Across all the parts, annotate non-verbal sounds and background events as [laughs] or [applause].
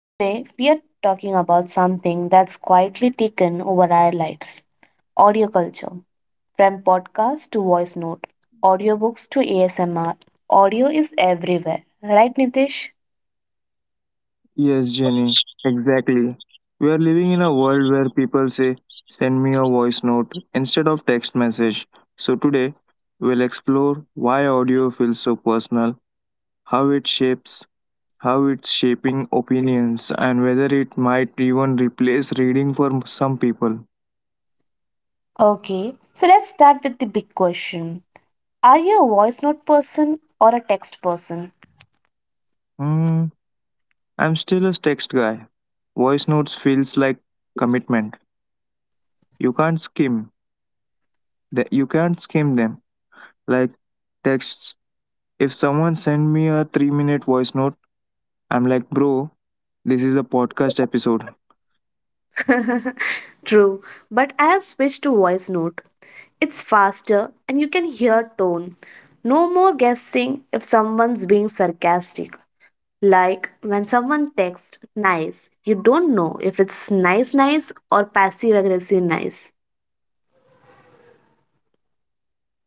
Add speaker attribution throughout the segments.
Speaker 1: Today we are talking about something that's quietly taken over our lives, audio culture. From podcast to voice note, audiobooks to ASMR, audio is everywhere. Right, Nitish?
Speaker 2: Yes, Jenny, exactly. We are living in a world where people say, send me a voice note instead of text message. So today, we'll explore why audio feels so personal, how it shapes, how it's shaping opinions, and whether it might even replace reading for some people.
Speaker 1: Okay, so let's start with the big question. Are you a voice note person or a text person?
Speaker 2: Hmm, I'm still a text guy. Voice notes feels like commitment. You can't skim. You can't skim them. Like texts, if someone send me a 3-minute minute voice note, I'm like, "Bro, this is a podcast episode."
Speaker 1: [laughs] True, but I have switched to voice note. It's faster and you can hear tone. No more guessing if someone's being sarcastic. Like when someone texts nice, you don't know if it's nice nice or passive aggressive nice.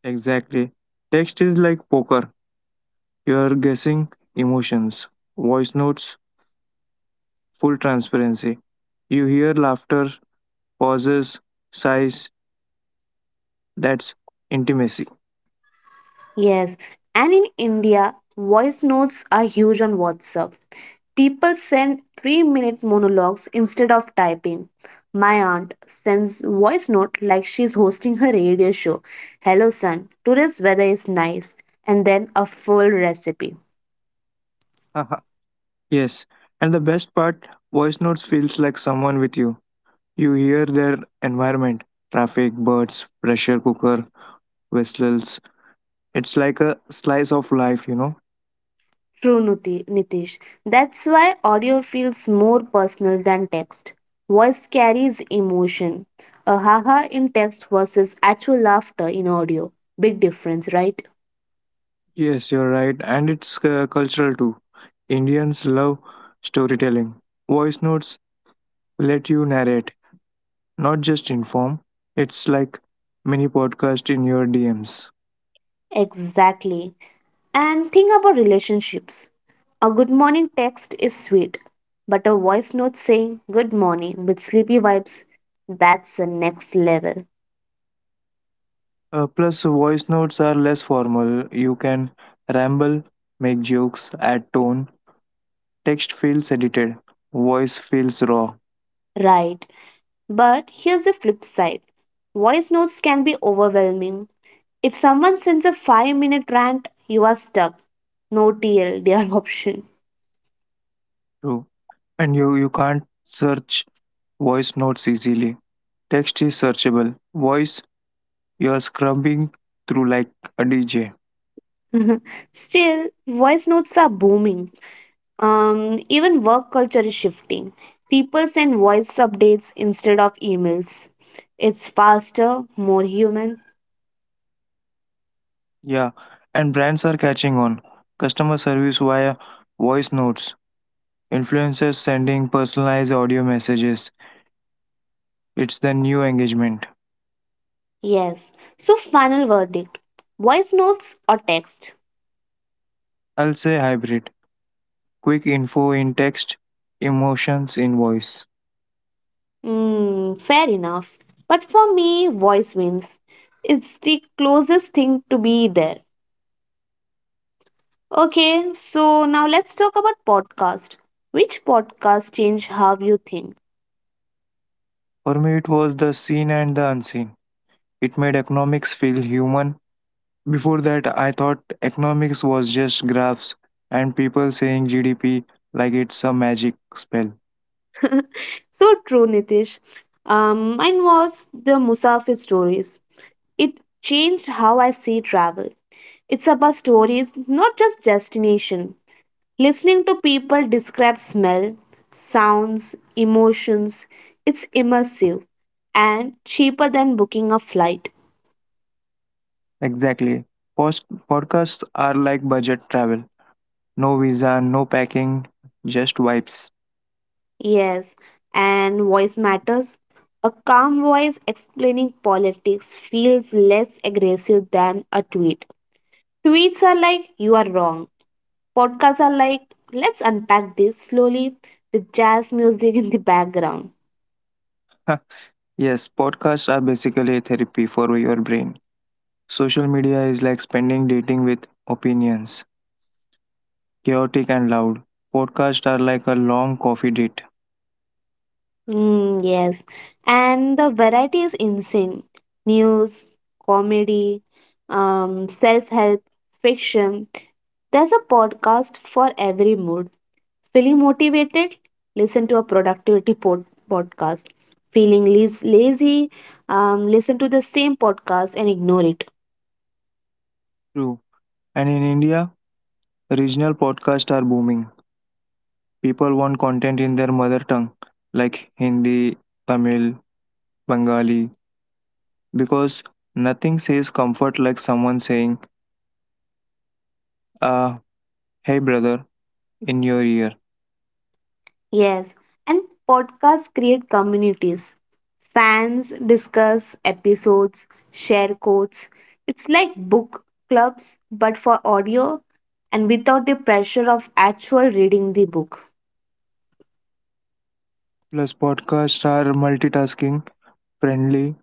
Speaker 2: Exactly. Text is like poker. You're guessing emotions. Voice notes, full transparency. You hear laughter, pauses, sighs. That's intimacy.
Speaker 1: Yes, and in India, voice notes are huge on WhatsApp. People send 3-minute minute monologues instead of typing. My aunt sends voice note like she's hosting her radio show. Hello son, today's weather is nice, and then a full recipe.
Speaker 2: Haha, yes. And the best part, voice notes feels like someone with you. You hear their environment, traffic, birds, pressure cooker, whistles. It's like a slice of life.
Speaker 1: True Nitish. That's why audio feels more personal than text. Voice carries emotion. A haha in text versus actual laughter in audio. Big difference, right?
Speaker 2: Yes, you're right, and it's cultural too. Indians love storytelling. Voice notes let you narrate, not just inform. It's like mini podcast in your DMs.
Speaker 1: Exactly. And think about relationships. A good morning text is sweet, but a voice note saying good morning with sleepy vibes, that's the next level.
Speaker 2: Plus, voice notes are less formal. You can ramble, make jokes, add tone. Text feels edited. Voice feels raw
Speaker 1: Right. But here's the flip side, voice notes can be overwhelming. If someone sends a 5-minute minute rant, you are stuck. No TL, dear [laughs] option.
Speaker 2: too, and you can't search voice notes easily. Text is searchable. Voice, you are scrubbing through like a DJ.
Speaker 1: [laughs] Still, voice notes are booming. Even work culture is shifting. People send voice updates instead of emails. It's faster, more human.
Speaker 2: Yeah, and brands are catching on. Customer service via voice notes, influencers sending personalized audio messages. It's the new engagement.
Speaker 1: Yes. So, final verdict, voice notes or text?
Speaker 2: I'll say hybrid. Quick info in text, emotions in voice.
Speaker 1: Hmm, fair enough. But for me, voice wins. It's the closest thing to be there. Okay, so now let's talk about podcast. Which podcast changed how you think?
Speaker 2: For me, it was the seen and the unseen. It made economics feel human. Before that, I thought economics was just graphs and people saying GDP like it's a magic spell.
Speaker 1: So true, Nitish. Mine was the Musafir stories. It changed how I see travel. It's about stories, not just destination. Listening to people describe smell, sounds, emotions, it's immersive and cheaper than booking a flight.
Speaker 2: Exactly. Post- Podcasts are like budget travel. No visa, no packing, just vibes.
Speaker 1: Yes, and voice matters. A calm voice explaining politics feels less aggressive than a tweet. Tweets are like, you are wrong. Podcasts are like, let's unpack this slowly with jazz music in the background.
Speaker 2: [laughs] yes, podcasts are basically a therapy for your brain. Social media is like spending dating with opinions, chaotic and loud. Podcasts are like a long coffee date.
Speaker 1: Mm, yes, and the variety is insane. News, comedy, self-help, fiction. There's a podcast for every mood. Feeling motivated? Listen to a productivity podcast. Feeling lazy? Listen to the same podcast and ignore it.
Speaker 2: True. And in India, regional podcasts are booming. People want content in their mother tongue, like Hindi, Tamil, Bengali, because nothing says comfort like someone saying, ah, hey brother, in your ear.
Speaker 1: Yes, and podcasts create communities. Fans discuss episodes, share quotes. It's like book clubs, but for audio and without the pressure of actual reading the book.
Speaker 2: Plus, podcasts are multitasking friendly,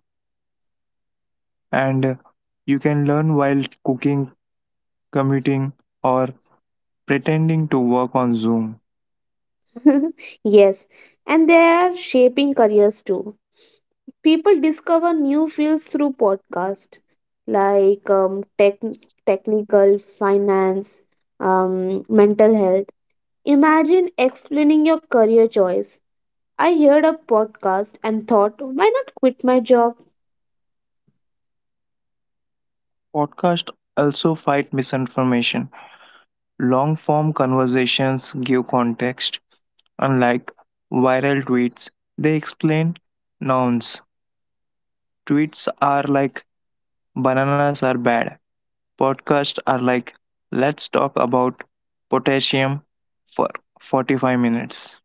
Speaker 2: and you can learn while cooking, commuting, or pretending to work on Zoom.
Speaker 1: [laughs] Yes, and they are shaping careers too. People discover new fields through podcast, like tech, technical, finance, mental health. Imagine explaining your career choice. I heard a podcast and thought, why not quit my job?
Speaker 2: Podcasts also fight misinformation. Long form conversations give context, unlike viral tweets. They explain nouns. Tweets are like bananas are bad. Podcasts are like let's talk about potassium for 45 minutes.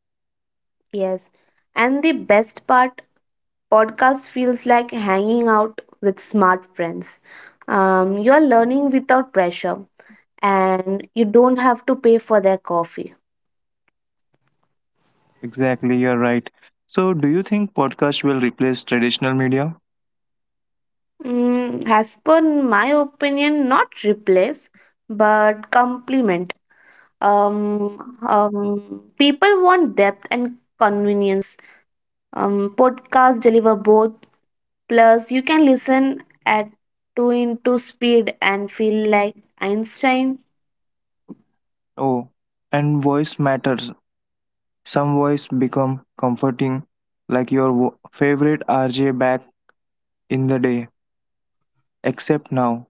Speaker 1: Yes. And the best part, podcast feels like hanging out with smart friends. You are learning without pressure and you don't have to pay for their coffee.
Speaker 2: Exactly, you're right. So, do you think podcast will replace traditional media?
Speaker 1: Mm, as per my opinion, not replace, but complement. People want depth and convenience. Podcasts deliver both. Plus, you can listen at 2x into speed and feel like Einstein.
Speaker 2: Oh, and voice matters. Some voice become comforting, like your favorite RJ back in the day, except now.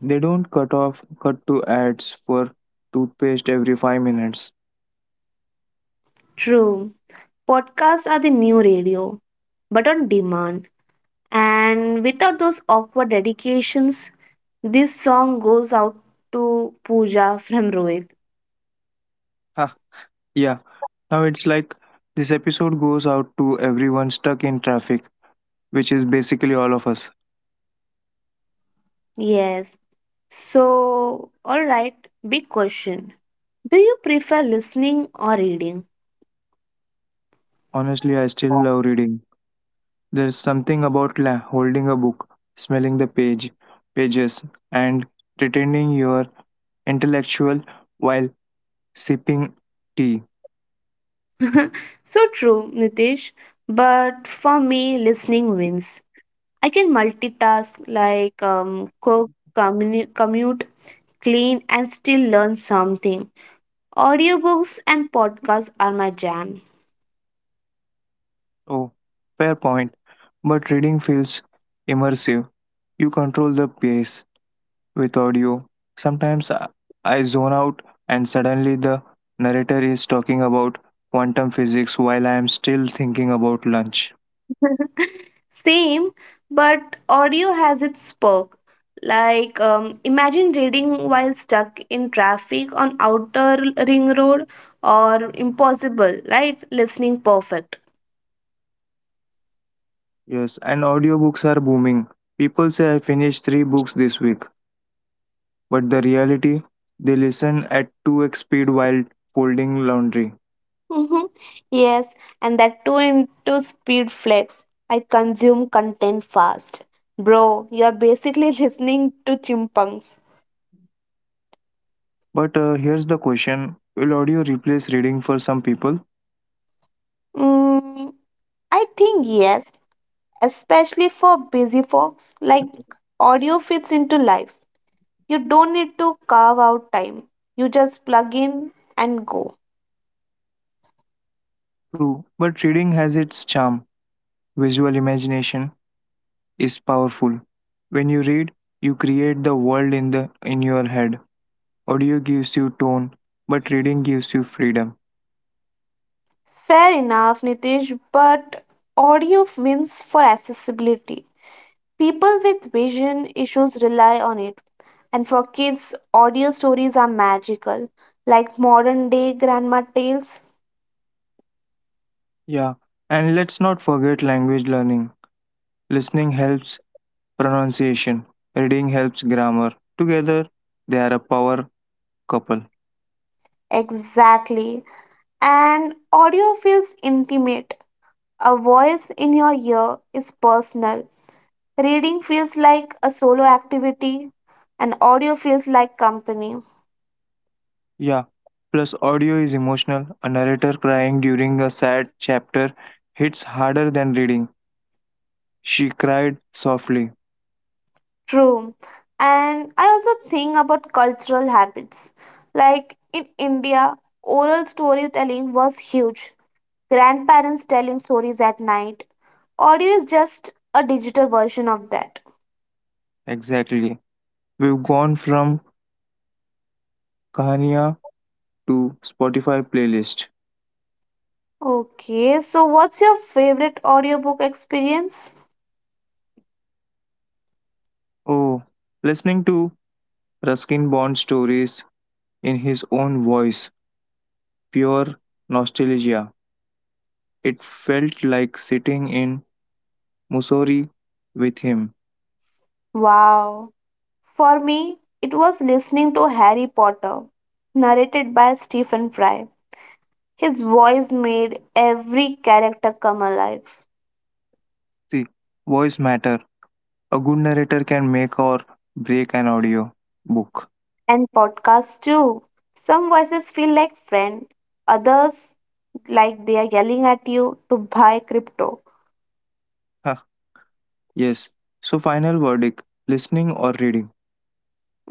Speaker 2: They don't cut to ads for toothpaste every 5 minutes.
Speaker 1: True, podcasts are the new radio, but on demand. And without those awkward dedications, this song goes out to Pooja from Rohit.
Speaker 2: Ah, yeah. Now it's like this episode goes out to everyone stuck in traffic, which is basically all of us.
Speaker 1: Yes. So, all right, big question. Do you prefer listening or reading?
Speaker 2: Honestly, I still love reading. There's something about holding a book, smelling pages, and pretending you're intellectual while sipping tea.
Speaker 1: [laughs] So true, Nitish. But for me, listening wins. I can multitask like cook, commute, clean, and still learn something. Audiobooks and podcasts are my jam.
Speaker 2: Oh, fair point. But reading feels immersive. You control the pace. With audio, sometimes I zone out and suddenly the narrator is talking about quantum physics while I am still thinking about lunch.
Speaker 1: [laughs] Same, but audio has its perk. Like, imagine reading while stuck in traffic on outer ring road, or impossible, right? Listening perfect.
Speaker 2: Yes, and audiobooks are booming. People say I finished three books this week, but the reality, they listen at 2x speed while folding laundry.
Speaker 1: Mhm. Yes, and that too into speed flex. I consume content fast. Bro, you're basically [laughs] listening to chimpanzees.
Speaker 2: But here's the question: will audio replace reading for some people?
Speaker 1: Mm, I think yes, especially for busy folks. Like, audio fits into life. You don't need to carve out time. You just plug in and go.
Speaker 2: True, but reading has its charm. Visual imagination is powerful. When you read, you create the world in your head. Audio gives you tone, but reading gives you freedom.
Speaker 1: Fair enough, Nitish, but audio wins for accessibility. People with vision issues rely on it. And for kids, audio stories are magical, like modern day grandma tales.
Speaker 2: Yeah, and let's not forget language learning. Listening helps pronunciation, reading helps grammar. Together, they are a power couple.
Speaker 1: Exactly. And audio feels intimate. A voice in your ear is personal. Reading feels like a solo activity and audio feels like company.
Speaker 2: Yeah. Plus, audio is emotional. A narrator crying during a sad chapter hits harder than reading. She cried softly.
Speaker 1: True. And I also think about cultural habits. Like in India, oral storytelling was huge. Grandparents telling stories at night. Audio is just a digital version of that.
Speaker 2: Exactly. We've gone from कहानियाँ to Spotify playlist.
Speaker 1: Okay, so what's your favorite audiobook experience?
Speaker 2: Oh, listening to Ruskin Bond stories in his own voice, pure nostalgia. It felt like sitting in Mussoorie with him.
Speaker 1: Wow. For me, it was listening to Harry Potter, narrated by Stephen Fry. His voice made every character come alive.
Speaker 2: See, voice matter. A good narrator can make or break an audio book.
Speaker 1: And podcasts too. Some voices feel like friend, others like they are yelling at you to buy crypto.
Speaker 2: Huh, yes. So final verdict, listening or reading.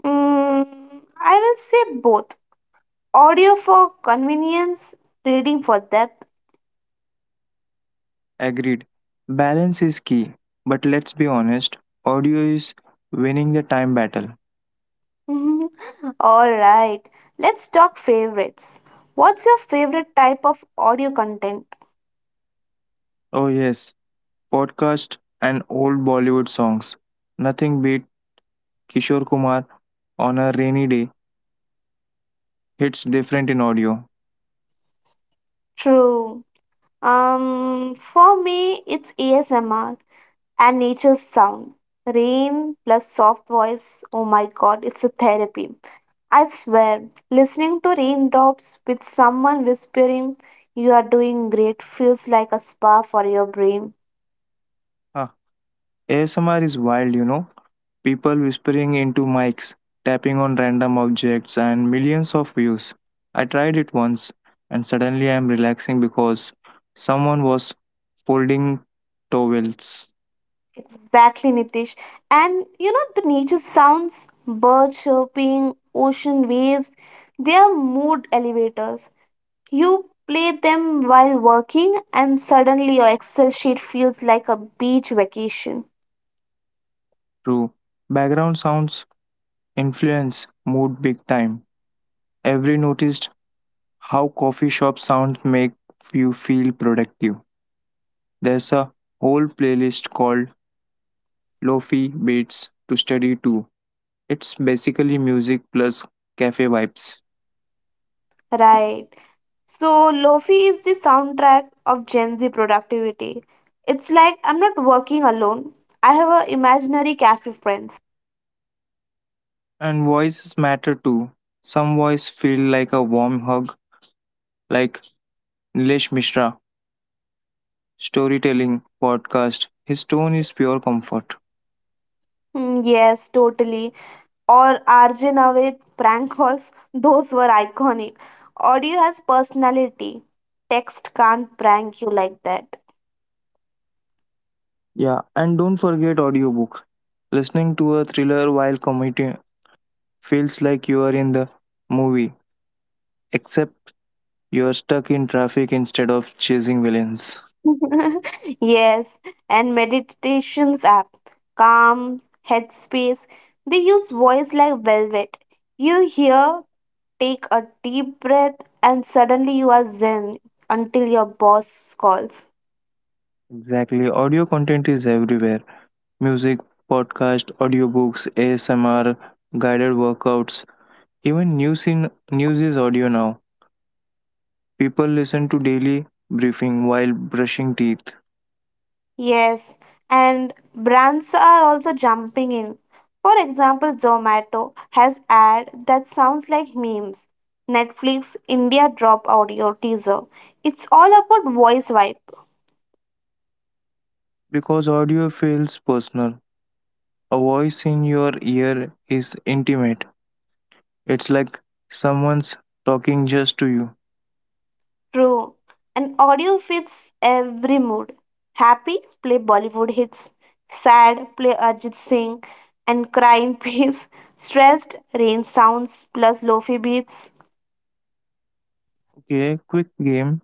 Speaker 1: Mm, I will say both. Audio for convenience, reading for depth.
Speaker 2: Agreed. Balance is key, but let's be honest, audio is winning the time battle.
Speaker 1: [laughs] All right, let's talk favorites. What's your favorite type of audio content?
Speaker 2: Oh yes, podcast and old Bollywood songs. Nothing beat Kishore Kumar on a rainy day, hits different in audio.
Speaker 1: True. For me, it's ASMR and nature's sound. Rain plus soft voice. Oh my god, it's a therapy. I swear, listening to raindrops with someone whispering, you are doing great, feels like a spa for your brain.
Speaker 2: Huh. ASMR is wild, you know. People whispering into mics, tapping on random objects, and millions of views. I tried it once, and suddenly I am relaxing because someone was folding towels.
Speaker 1: Exactly, Nitish. And you know, the nature sounds, birds chirping, ocean waves, they are mood elevators. You play them while working, and suddenly your Excel sheet feels like a beach vacation.
Speaker 2: True. Background sounds influence mood big time. Every notice how coffee shop sounds make you feel productive. There's a whole playlist called Lofi Beats to study to. It's basically music plus cafe vibes.
Speaker 1: Right. So, Lofi is the soundtrack of Gen Z productivity. It's like I'm not working alone. I have a imaginary cafe friends.
Speaker 2: And voices matter too. Some voice feel like a warm hug, like Nilesh Mishra, storytelling, podcast. His tone is pure comfort.
Speaker 1: Hmm, yes, totally. Or RJ Navid prank calls, [laughs] those were iconic. Audio has personality. Text can't prank you like that.
Speaker 2: Yeah, and don't forget audiobook. Listening to a thriller while commuting feels like you are in the movie, except you're stuck in traffic instead of chasing villains.
Speaker 1: [laughs] Yes, and meditations app, Calm, Headspace, they use voice like velvet. You hear take a deep breath, and suddenly you are zen until your boss calls.
Speaker 2: Exactly. Audio content is everywhere: music, podcast, audiobooks, ASMR, guided workouts, even news is audio now. People listen to daily briefing while brushing teeth,
Speaker 1: Yes, and brands are also jumping in. For example, Zomato has ad that sounds like memes. Netflix India drop audio teaser. It's all about voice vibe.
Speaker 2: because audio feels personal. A voice in your ear is intimate, it's like someone's talking just to you.
Speaker 1: True. And audio fits every mood. Happy, play Bollywood hits. Sad, play Arjit Singh. And cry in [laughs] peace. Stressed, rain sounds plus lofi beats.
Speaker 2: Okay, quick game.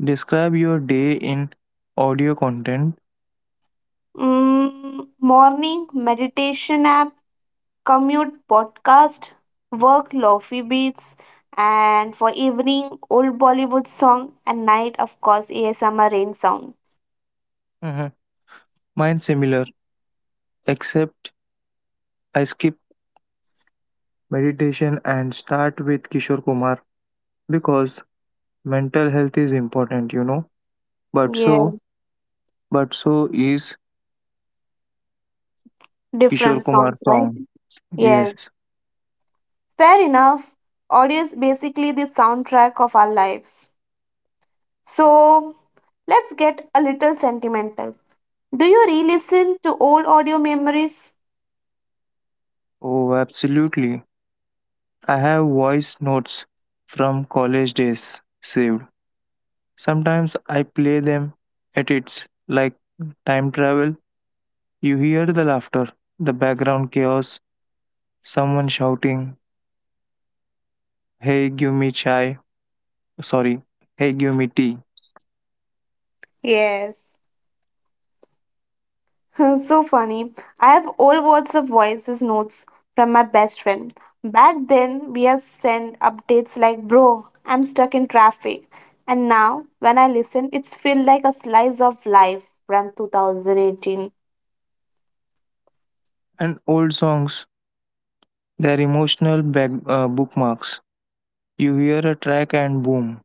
Speaker 2: Describe your day in audio content.
Speaker 1: Mm, morning, meditation app. Commute, podcast. Work, lofi beats. And for evening, old Bollywood song. And night, of course, ASMR rain sound.
Speaker 2: Mhm. Mine similar, except I skip meditation and start with Kishore Kumar because mental health is important, you know. But
Speaker 1: Yeah,
Speaker 2: so, but so is Kishore
Speaker 1: different
Speaker 2: Kumar
Speaker 1: songs,
Speaker 2: song.
Speaker 1: right? Yes.
Speaker 2: Yes.
Speaker 1: Fair enough. Audio is basically the soundtrack of our lives. So let's get a little sentimental. Do you re listen to old audio memories?
Speaker 2: Oh, absolutely. I have voice notes from college days saved. Sometimes I play them at its like time travel. You hear the laughter, the background chaos, someone shouting, "Hey, give me chai." Sorry, hey give me tea,
Speaker 1: Yes. [laughs] So funny. I have old WhatsApp voices notes from my best friend. Back then, we have sent updates like, bro, I'm stuck in traffic. And now, when I listen, it's feel like a slice of life from 2018.
Speaker 2: and old songs, they are emotional bookmarks. You hear a track and boom,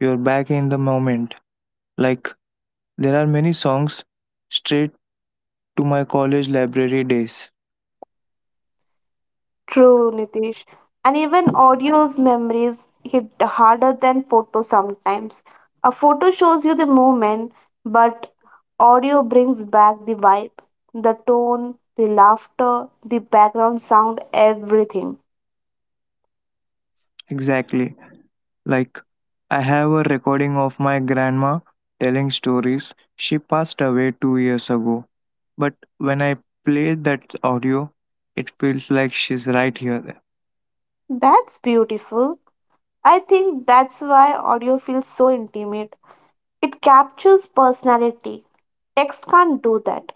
Speaker 2: you're back in the moment. Like, there are many songs straight to my college library days.
Speaker 1: True, Nitish. And even audio's memories hit harder than photo sometimes. A photo shows you the moment, but audio brings back the vibe, the tone, the laughter, the background sound, everything.
Speaker 2: Exactly. Like, I have a recording of my grandma telling stories. She passed away 2 years ago, but when I play that audio, it feels like she's right here.
Speaker 1: That's beautiful. I think that's why audio feels so intimate. It captures personality. Text can't do that.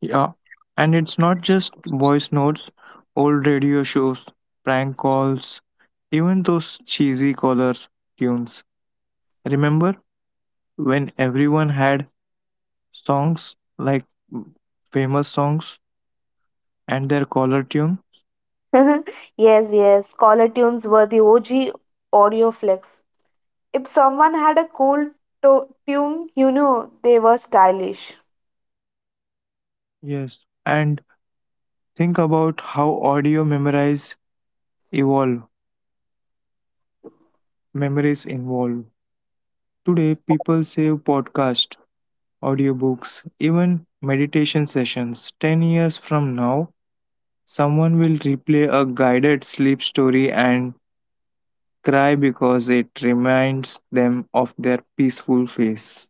Speaker 2: Yeah, and it's not just voice notes, old radio shows, prank calls, even those cheesy collar tunes. Remember when everyone had songs like mm, famous songs and their collar tune?
Speaker 1: [laughs] Yes, caller tunes were the OG audio flex. If someone had a cool tune, you knew they were stylish.
Speaker 2: Yes. And think about how evolve, memories involve. Today, people save podcast, audiobooks, even meditation sessions. 10 years from now, someone will replay a guided sleep story and cry because it reminds them of their peaceful face.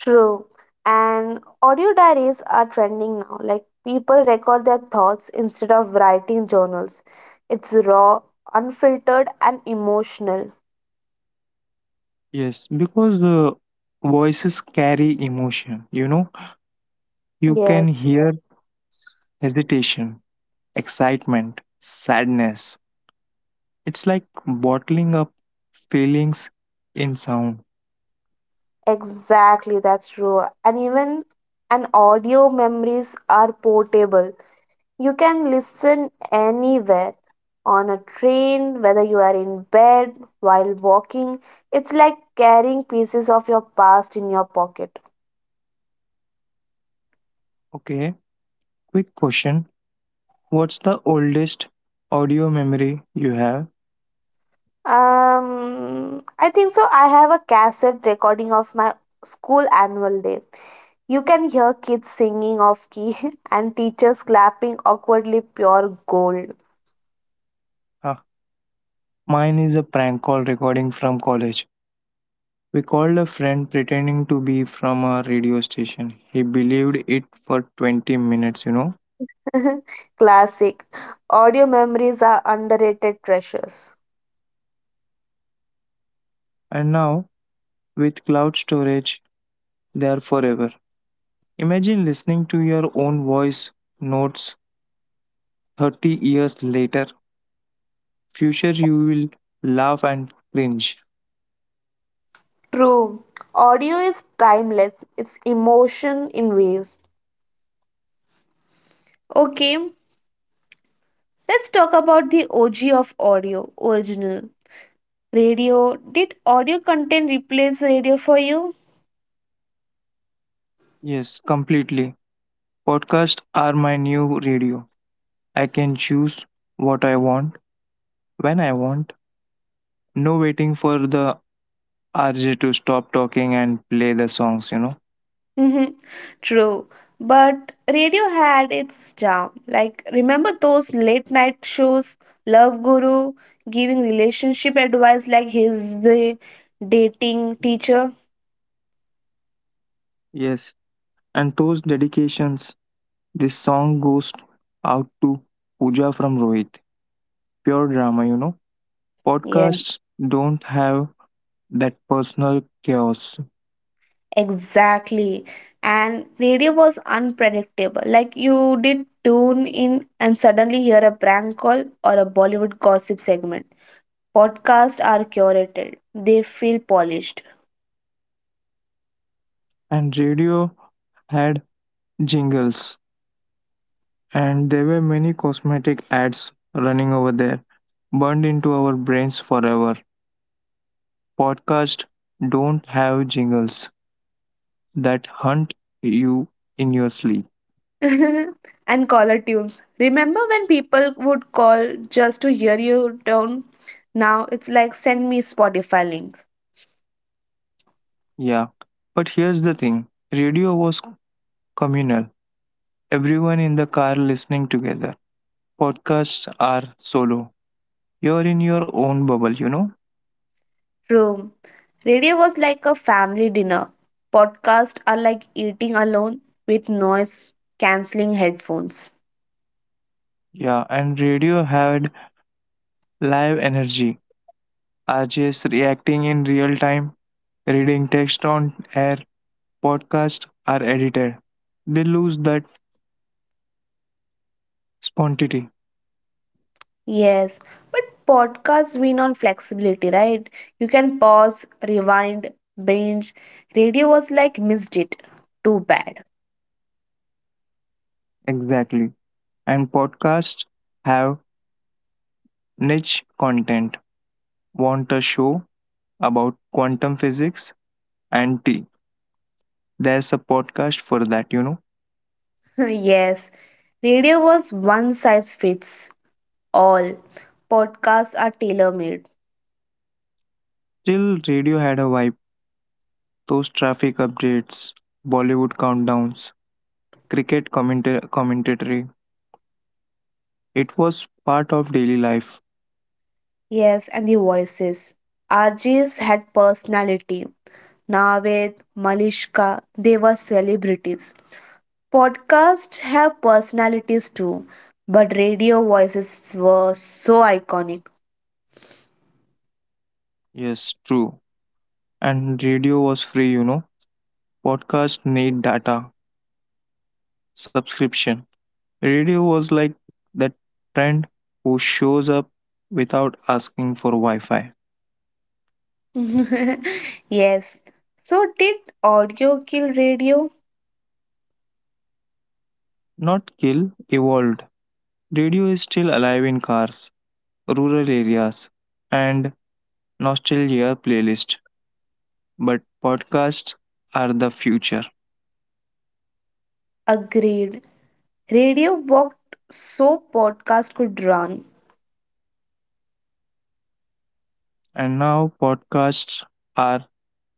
Speaker 1: True. And audio diaries are trending now. Like people record their thoughts instead of writing journals. It's raw, unfiltered, and emotional.
Speaker 2: Yes, because the voices carry emotion, you know, you can
Speaker 1: Yes,
Speaker 2: hear hesitation, excitement, sadness. It's like bottling up feelings in sound.
Speaker 1: exactly. That's true. And audio memories are portable. You can listen anywhere on a train, whether you are in bed, while walking. It's like carrying pieces of your past in your pocket.
Speaker 2: Okay, quick question: what's the oldest audio memory you have?
Speaker 1: I think so. I have a cassette recording of my school annual day. You can hear kids singing off key [laughs] and teachers clapping awkwardly, pure gold.
Speaker 2: Ah, mine is a prank call recording from college. We called a friend pretending to be from a radio station. He believed it for 20 minutes, you know.
Speaker 1: [laughs] Classic. Audio memories are underrated treasures.
Speaker 2: And now, with cloud storage, they are forever. Imagine listening to your own voice notes 30 years later. Future, you will laugh and cringe.
Speaker 1: True. Audio is timeless, it's emotion in waves. Okay, let's talk about the OG of audio, original radio. Did audio content replace radio for you?
Speaker 2: Yes, completely. Podcasts are my new radio. I can choose what I want when I want. No waiting for the RJ to stop talking and play the songs, you know.
Speaker 1: Mhm. True, but radio had its charm. Like, remember those late night shows, Love Guru giving relationship advice like he's the dating teacher?
Speaker 2: Yes. And those dedications, this song goes out to Pooja from Rohit. Pure drama, you know.
Speaker 1: Yeah.
Speaker 2: Podcasts don't have that personal chaos.
Speaker 1: Exactly. And radio was unpredictable. Like you did tune in and suddenly hear a prank call or a Bollywood gossip segment. Podcasts are curated. They feel polished.
Speaker 2: And radio had jingles. And there were many cosmetic ads running over there, burned into our brains forever. Podcasts don't have jingles that hunt you in your sleep.
Speaker 1: [laughs] And caller tunes. Remember when people would call just to hear you tone? Now it's like send me Spotify link.
Speaker 2: Yeah. But here's the thing, radio was communal, everyone in the car listening together. Podcasts are solo. You're in your own bubble, you know?
Speaker 1: True, radio was like a family dinner. Podcasts are like eating alone with noise cancelling headphones.
Speaker 2: Yeah, and radio had live energy. RJs reacting in real time, reading text on air. Podcasts are edited. They lose that spontaneity.
Speaker 1: Yes, but podcasts win on flexibility, right? You can pause, rewind, binge. Radio was like, missed it. Too bad.
Speaker 2: Exactly. And podcasts have niche content. Want a show about quantum physics and tea? There's a podcast for that, you know.
Speaker 1: [laughs] Yes, radio was one size fits all. Podcasts are tailor-made.
Speaker 2: Still, radio had a vibe. Those traffic updates, Bollywood countdowns, cricket commentary. It was part of daily life.
Speaker 1: Yes, and the voices. RJs had personality. Naved, Malishka, they were celebrities. Podcasts have personalities too, but radio voices were so iconic.
Speaker 2: Yes, true. And radio was free, you know. Podcast need data, subscription. Radio was like that friend who shows up without asking for Wi Fi.
Speaker 1: [laughs] Yes. So did audio kill radio?
Speaker 2: Not kill, evolve. Radio is still alive in cars, rural areas, and nostalgia playlists, but podcasts are the future.
Speaker 1: Agreed. Radio walked so podcast could run.
Speaker 2: And now podcasts are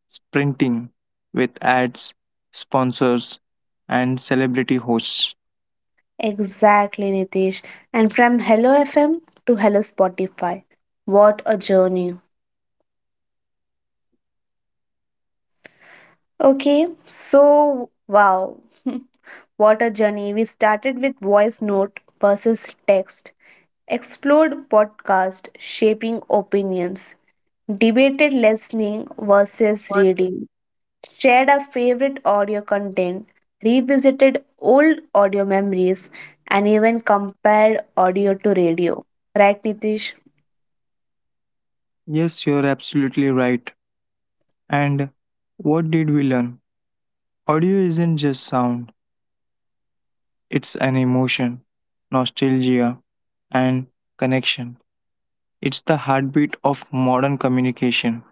Speaker 2: sprinting with ads, sponsors, and celebrity hosts.
Speaker 1: Exactly, Nitish. And from Hello FM to Hello Spotify. What a journey. Okay, so wow, what a journey. We started with voice note versus text, explored podcast shaping opinions, debated listening versus reading, shared our favorite audio content, revisited old audio memories, and even compared audio to radio. Right, Nitish?
Speaker 2: Yes, you're absolutely right. And what did we learn? Audio isn't just sound, it's an emotion, nostalgia, and connection. It's the heartbeat of modern communication.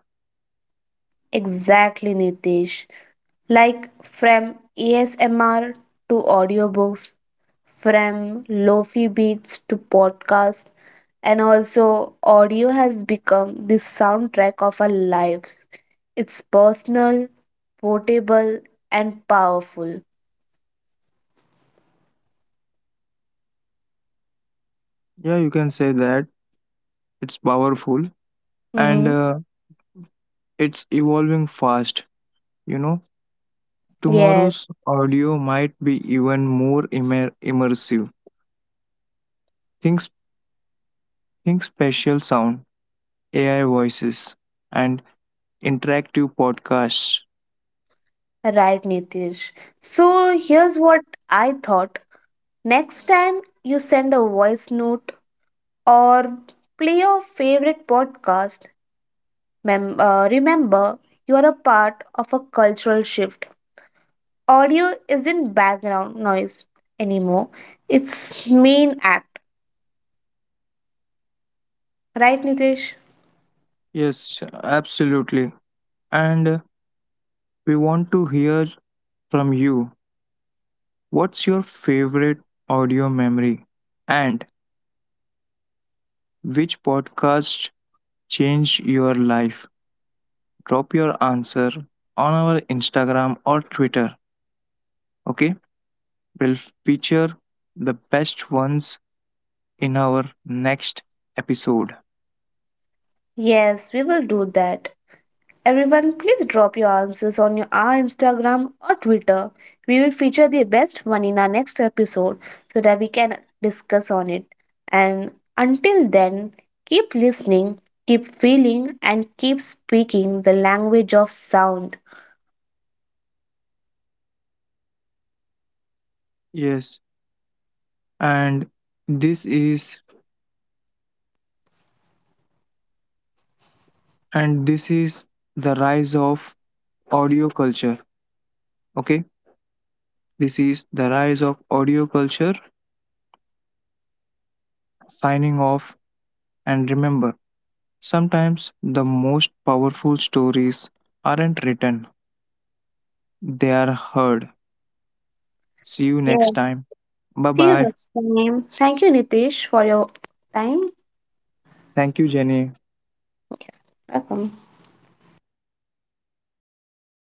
Speaker 1: Exactly, Nitish. Like from ASMR to audiobooks, from lofi beats to podcasts, and also audio has become the soundtrack of our lives. It's personal, portable, and powerful.
Speaker 2: Yeah, you can say that it's powerful, and
Speaker 1: Mm-hmm.
Speaker 2: uh, it's evolving fast. You know,
Speaker 1: Yes.
Speaker 2: tomorrow's audio might be even more immersive. Think, s- think spatial sound, AI voices, and interactive podcasts.
Speaker 1: Right, Nitish. So here's what I thought. Next time you send a voice note or play your favorite podcast, remember you are a part of a cultural shift. Audio isn't background noise anymore, it's main act. Right, Nitish?
Speaker 2: Yes, absolutely. And we want to hear from you. What's your favorite audio memory? And which podcast changed your life? Drop your answer on our Instagram or Twitter. Okay, we'll feature the best ones in our next episode.
Speaker 1: Yes, we will do that. Everyone, please drop your answers on our Instagram or Twitter. We will feature the best one in our next episode so that we can discuss on it. And until then, keep listening, keep feeling, and keep speaking the language of sound.
Speaker 2: Yes, and this is and this is the rise of audio culture. Okay, this is the rise of audio culture. Signing off, and remember, sometimes the most powerful stories aren't written, they are heard. See you
Speaker 1: Yeah,
Speaker 2: next time. Bye
Speaker 1: see you
Speaker 2: bye.
Speaker 1: next time. Thank you, Nitish, for your time.
Speaker 2: Thank you, Jenny.
Speaker 1: Yes, welcome.